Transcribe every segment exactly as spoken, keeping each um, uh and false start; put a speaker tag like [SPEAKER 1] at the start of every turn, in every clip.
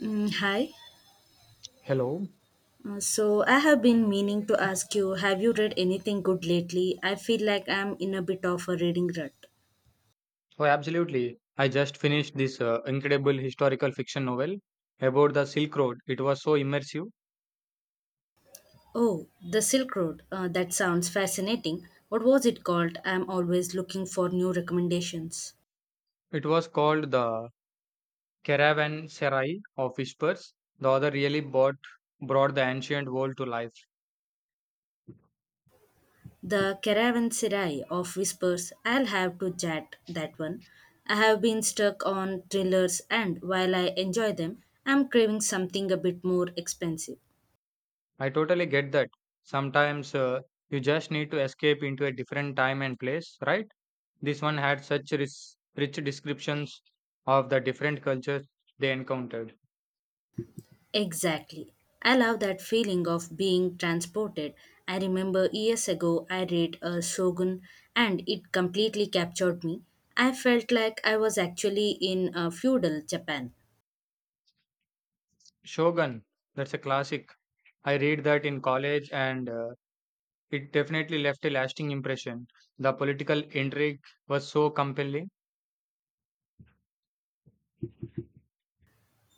[SPEAKER 1] Mm, hi.
[SPEAKER 2] Hello.
[SPEAKER 1] Uh, so I have been meaning to ask you, have you read anything good lately? I feel like I'm in a bit of a reading rut.
[SPEAKER 2] Oh, absolutely. I just finished this uh, incredible historical fiction novel about the Silk Road. It was so immersive.
[SPEAKER 1] Oh, The Silk Road. Uh, that sounds fascinating. What was it called? I'm always looking for new recommendations.
[SPEAKER 2] It was called The Caravanserai of Whispers. The author really brought, brought the ancient world to life.
[SPEAKER 1] The Caravanserai of Whispers. I'll have to chat that one. I have been stuck on thrillers, and while I enjoy them, I'm craving something a bit more expensive.
[SPEAKER 2] I totally get that. Sometimes uh, you just need to escape into a different time and place, right? This one had such rich, rich descriptions of the different cultures they encountered.
[SPEAKER 1] Exactly. I love that feeling of being transported. I remember years ago I read a Shogun and it completely captured me. I felt like I was actually in a feudal Japan.
[SPEAKER 2] Shogun, that's a classic. I read that in college, and uh, it definitely left a lasting impression. The political intrigue was so compelling.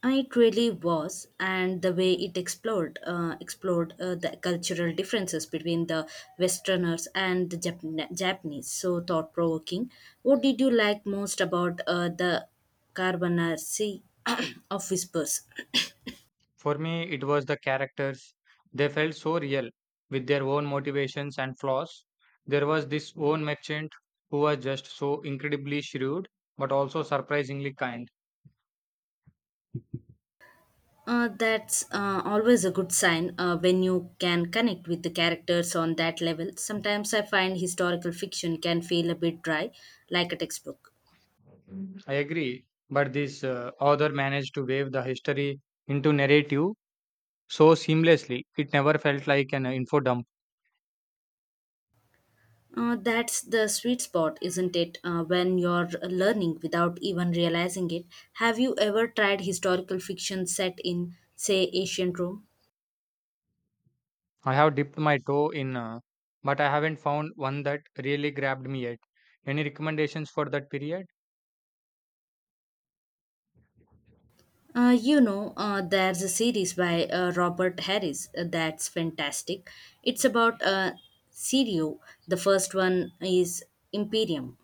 [SPEAKER 1] It really was, and the way it explored uh, explored uh, the cultural differences between the Westerners and the Jap- Japanese. So thought provoking. What did you like most about uh, the Carbonara Sea of Whispers?
[SPEAKER 2] For me, it was the characters. They felt so real with their own motivations and flaws. There was this own merchant who was just so incredibly shrewd, but also surprisingly kind.
[SPEAKER 1] Uh, that's uh, always a good sign uh, when you can connect with the characters on that level. Sometimes I find historical fiction can feel a bit dry, like a textbook.
[SPEAKER 2] I agree, but this uh, author managed to weave the history into narrative so seamlessly. It never felt like an info dump.
[SPEAKER 1] Uh, that's the sweet spot, isn't it? Uh, when you're learning without even realizing it. Have you ever tried historical fiction set in, say, ancient Rome?
[SPEAKER 2] I have dipped my toe in, uh, but I haven't found one that really grabbed me yet. Any recommendations for that period?
[SPEAKER 1] Uh, you know, uh, there's a series by uh, Robert Harris uh, that's fantastic. It's about uh, Sirio. The first one is Imperium.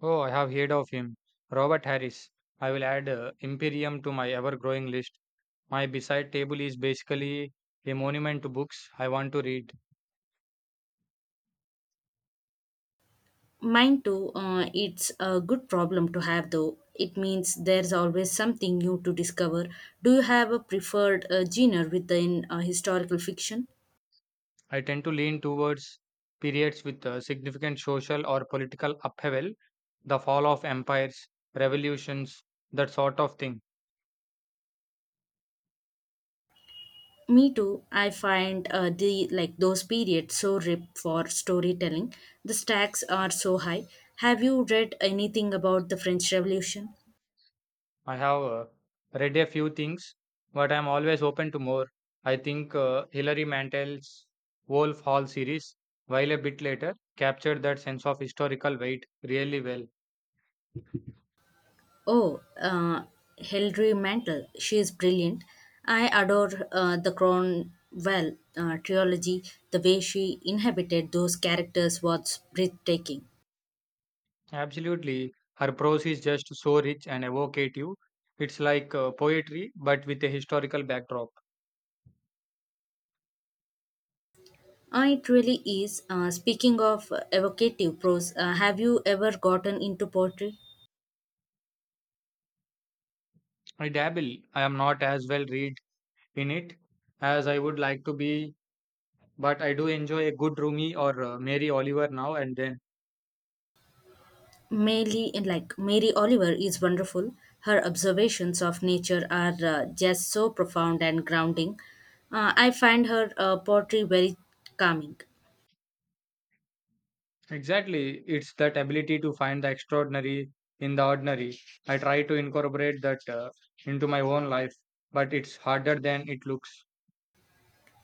[SPEAKER 2] Oh, I have heard of him. Robert Harris. I will add uh, Imperium to my ever growing list. My beside table is basically a monument to books I want to read.
[SPEAKER 1] Mine too, uh, it's a good problem to have though. It means there's always something new to discover. Do you have a preferred uh, genre within uh, historical fiction?
[SPEAKER 2] I tend to lean towards periods with uh, significant social or political upheaval, the fall of empires, revolutions, that sort of thing.
[SPEAKER 1] Me too. I find uh, the like those periods so ripe for storytelling. The stacks are so high. Have you read anything about the French Revolution?
[SPEAKER 2] I have uh, read a few things, but I'm always open to more. I think uh, Hilary Mantel's Wolf Hall series, while a bit later, captured that sense of historical weight really well.
[SPEAKER 1] Oh, uh, Hilary Mantel. She is brilliant. I adore uh, the Cromwell uh, trilogy. The way she inhabited those characters was breathtaking.
[SPEAKER 2] Absolutely, her prose is just so rich and evocative. It's like uh, poetry, but with a historical backdrop.
[SPEAKER 1] Uh, it really is. Uh, speaking of evocative prose, uh, have you ever gotten into poetry?
[SPEAKER 2] I dabble. I am not as well read in it as I would like to be, but I do enjoy a good Rumi or uh, Mary Oliver now and then.
[SPEAKER 1] Mary, like Mary Oliver, is wonderful. Her observations of nature are uh, just so profound and grounding. Uh, I find her uh, poetry very calming.
[SPEAKER 2] Exactly. It's that ability to find the extraordinary in the ordinary. I try to incorporate that uh, into my own life, but it's harder than it looks.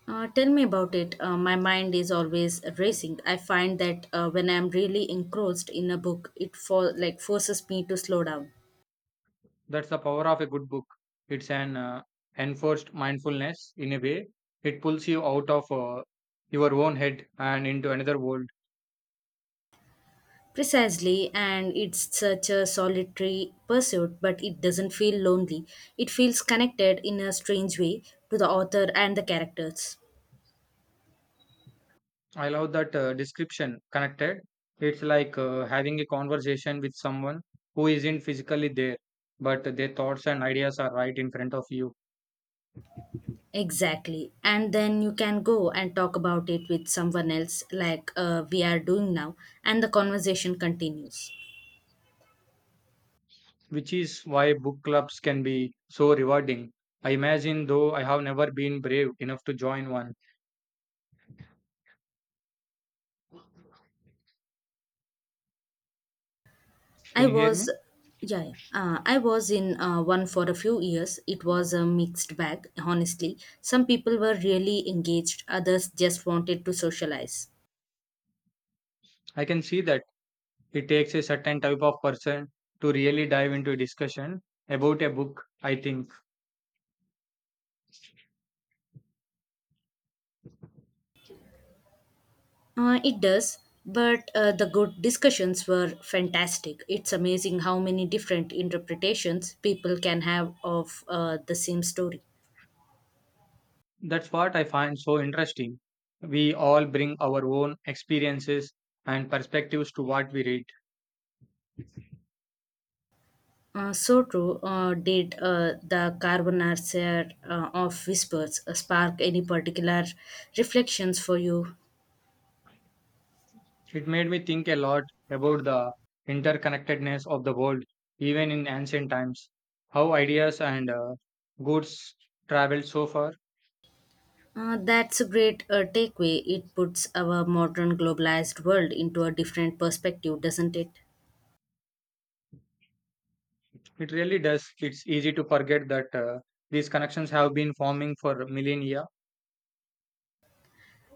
[SPEAKER 1] Uh, tell me about it. Uh, my mind is always racing. I find that uh, when I am really engrossed in a book, it for like forces me to slow down.
[SPEAKER 2] That's the power of a good book. It's an uh, enforced mindfulness in a way. It pulls you out of uh, your own head and into another world.
[SPEAKER 1] Precisely, and it's such a solitary pursuit, but it doesn't feel lonely. It feels connected in a strange way to the author and the characters.
[SPEAKER 2] I love that uh, description connected. It's like uh, having a conversation with someone who isn't physically there, but their thoughts and ideas are right in front of you,
[SPEAKER 1] Exactly. And then you can go and talk about it with someone else, like uh, we are doing now, and the conversation continues.
[SPEAKER 2] which is why book clubs can be so rewarding. I imagine, though I have never been brave enough to join one.
[SPEAKER 1] I
[SPEAKER 2] Can you hear
[SPEAKER 1] was,
[SPEAKER 2] me?
[SPEAKER 1] yeah, yeah. Uh, I was in uh, one for a few years. It was a mixed bag, honestly. Some people were really engaged, others just wanted to socialize.
[SPEAKER 2] I can see that it takes a certain type of person to really dive into a discussion about a book, I think.
[SPEAKER 1] Uh, it does, but uh, the good discussions were fantastic. It's amazing how many different interpretations people can have of uh, the same story.
[SPEAKER 2] That's what I find so interesting. We all bring our own experiences and perspectives to what we read.
[SPEAKER 1] Uh, so true. Uh, did uh, the carbonacer uh, of whispers uh, spark any particular reflections for you?
[SPEAKER 2] It made me think a lot about the interconnectedness of the world, even in ancient times, how ideas and uh, goods traveled so far.
[SPEAKER 1] Uh, that's a great uh, takeaway. It puts our modern globalized world into a different perspective, doesn't it?
[SPEAKER 2] It really does. It's easy to forget that uh, these connections have been forming for millennia.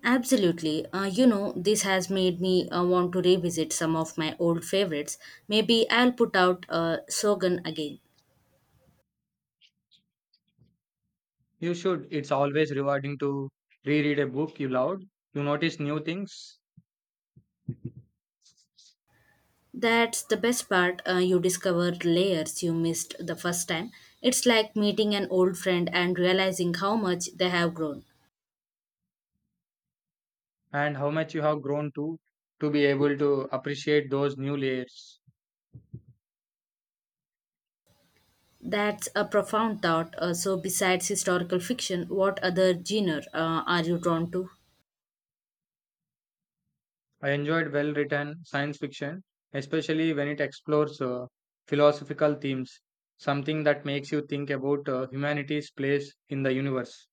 [SPEAKER 1] Absolutely. Uh, you know, this has made me uh, want to revisit some of my old favorites. Maybe I'll put out uh, Sogan again.
[SPEAKER 2] You should. It's always rewarding to reread a book you loved. You notice new things
[SPEAKER 1] That's the best part. Uh, you discover layers you missed the first time. It's like meeting an old friend and realizing how much they have grown.
[SPEAKER 2] and how much you have grown to to be able to appreciate those new layers.
[SPEAKER 1] That's a profound thought. Uh, so, besides historical fiction, what other genre uh, are you drawn to?
[SPEAKER 2] I enjoyed well written science fiction, especially when it explores uh, philosophical themes, something that makes you think about uh, humanity's place in the universe.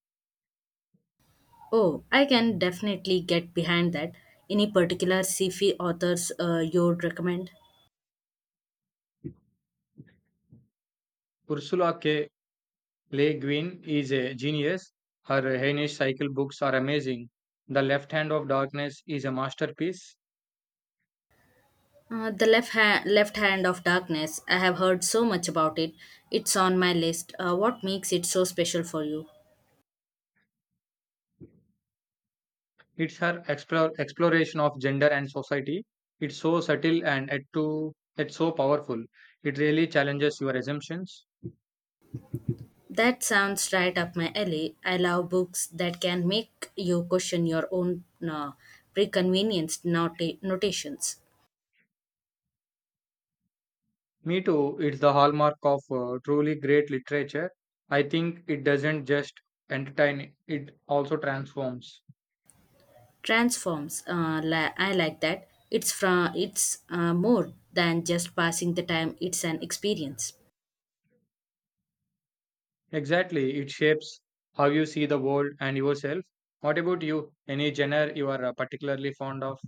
[SPEAKER 1] Oh, I can definitely get behind that. Any particular sci-fi authors uh, you'd recommend?
[SPEAKER 2] Ursula K. Le Guin is a genius. Her Heinisch Cycle books are amazing. The Left Hand of Darkness is a masterpiece.
[SPEAKER 1] Uh, the left hand, left hand of darkness. I have heard so much about it. It's on my list. Uh, what makes it so special for you?
[SPEAKER 2] It's her explore, exploration of gender and society. It's so subtle and yet, too, yet so powerful. It really challenges your assumptions.
[SPEAKER 1] That sounds right up my alley. I love books that can make you question your own uh, preconvenienced nota- notations.
[SPEAKER 2] Me too. It's the hallmark of uh, truly great literature. I think it doesn't just entertain, it also transforms.
[SPEAKER 1] Transforms. Uh, li- I like that. It's from. It's uh, more than just passing the time. It's an experience.
[SPEAKER 2] Exactly. It shapes how you see the world and yourself. What about you? Any genre you are uh, particularly fond of?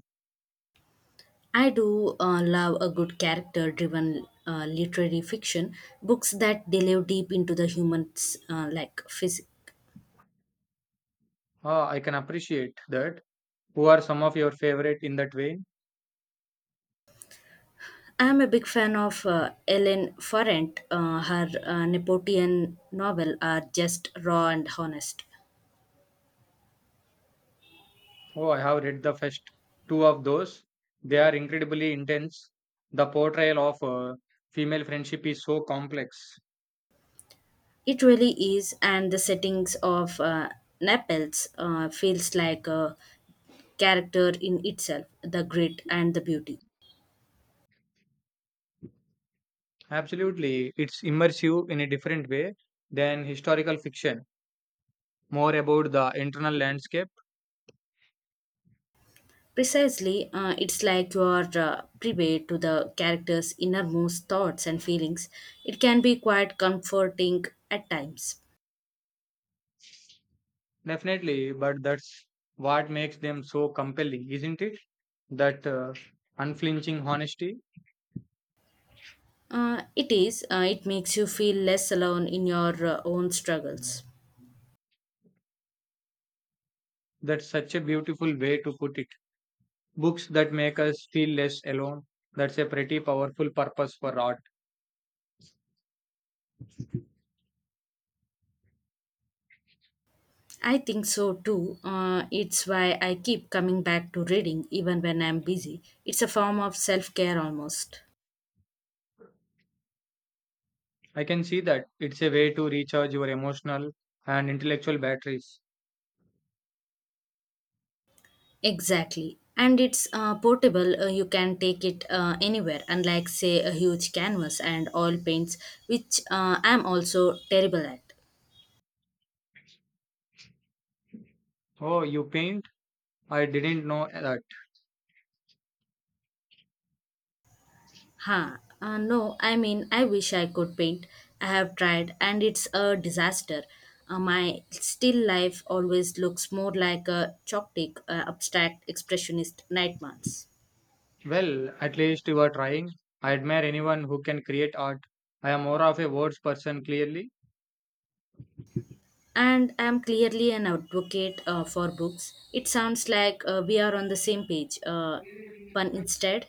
[SPEAKER 1] I do uh, love a good character-driven uh, literary fiction books that delve deep into the human's uh, like physics.
[SPEAKER 2] Ah, I can appreciate that. Who are some of your favorite in that vein?
[SPEAKER 1] I'm a big fan of uh, Ellen Ferrant. Uh, her uh, Nepotian novel are just raw and honest.
[SPEAKER 2] Oh, I have read the first two of those. They are incredibly intense. The portrayal of uh, female friendship is so complex.
[SPEAKER 1] It really is, and the settings of uh, Naples uh, feels like a character in itself, the grit and the beauty.
[SPEAKER 2] Absolutely. It's immersive in a different way than historical fiction, more about the internal landscape.
[SPEAKER 1] Precisely, uh, it's like you are uh, privy to the character's innermost thoughts and feelings. It can be quite comforting at times.
[SPEAKER 2] Definitely, but that's what makes them so compelling, isn't it? That uh, unflinching honesty.
[SPEAKER 1] Uh, it is, uh, it makes you feel less alone in your uh, own struggles.
[SPEAKER 2] That's such a beautiful way to put it. Books that make us feel less alone. That's a pretty powerful purpose for art.
[SPEAKER 1] I think so too. Uh, it's why I keep coming back to reading even when I'm busy. It's a form of self care almost.
[SPEAKER 2] I can see that. It's a way to recharge your emotional and intellectual batteries.
[SPEAKER 1] Exactly. And it's uh, portable, uh, you can take it uh, anywhere, unlike, say, a huge canvas and oil paints, which uh, I'm also terrible at.
[SPEAKER 2] Oh, you paint? I didn't know that.
[SPEAKER 1] Huh. Uh, no, I mean, I wish I could paint. I have tried, and it's a disaster. Uh, my still life always looks more like a chalk uh, abstract expressionist nightmares.
[SPEAKER 2] Well, at least you are trying. I admire anyone who can create art. I am more of a words person, clearly.
[SPEAKER 1] And I'm clearly an advocate uh, for books. It sounds like uh, we are on the same page. Uh, but instead,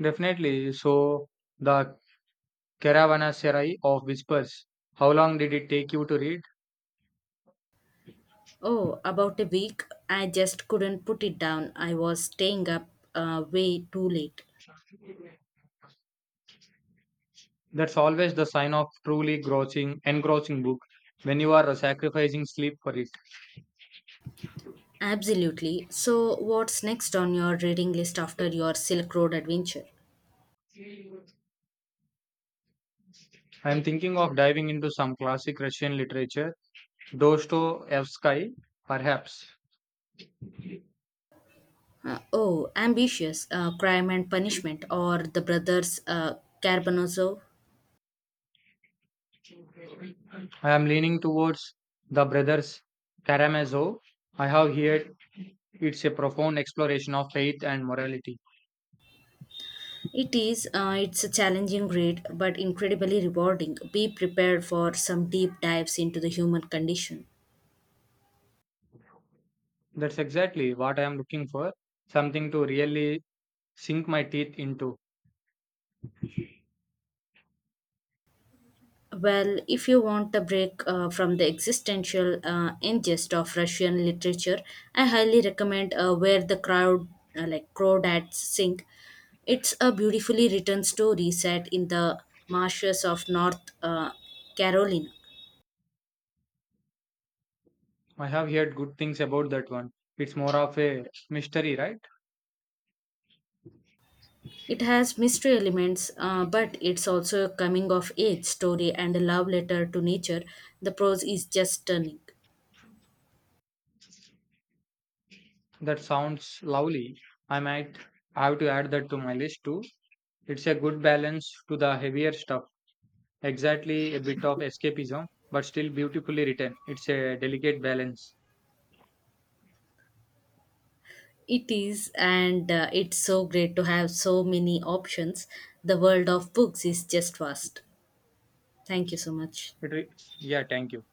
[SPEAKER 2] Definitely. So, the Caravanaserai of Whispers. How long did it take you to read?
[SPEAKER 1] oh, about a week, I just couldn't put it down. I was staying up uh, way too late.
[SPEAKER 2] That's always the sign of truly engrossing, engrossing book when you are sacrificing sleep for it.
[SPEAKER 1] Absolutely. So, what's next on your reading list after your Silk Road adventure?
[SPEAKER 2] I am thinking of diving into some classic Russian literature, Dostoevsky, perhaps.
[SPEAKER 1] Uh, oh, ambitious, uh, crime and punishment, or the brothers uh, Carbonazzo?
[SPEAKER 2] I am leaning towards the brothers Karamazov. I have heard it's a profound exploration of faith and morality.
[SPEAKER 1] It is, uh, it's a challenging read, but incredibly rewarding. Be prepared for some deep dives into the human condition.
[SPEAKER 2] That's exactly what I am looking for, something to really sink my teeth into.
[SPEAKER 1] Well, if you want a break uh, from the existential uh, ingest of Russian literature, I highly recommend uh, Where the Crowd, uh, like Crawdads Sing. It's a beautifully written story set in the marshes of North uh, Carolina.
[SPEAKER 2] I have heard good things about that one. It's more of a mystery, right?
[SPEAKER 1] It has mystery elements, uh, but it's also a coming of age story and a love letter to nature. The prose is just stunning.
[SPEAKER 2] That sounds lovely. I might have to add that to my list too. It's a good balance to the heavier stuff. Exactly a bit of escapism, but still beautifully written. It's a delicate balance.
[SPEAKER 1] It is, and uh, it's so great to have so many options. The world of books is just vast. Thank you so much.
[SPEAKER 2] It re- yeah, thank you.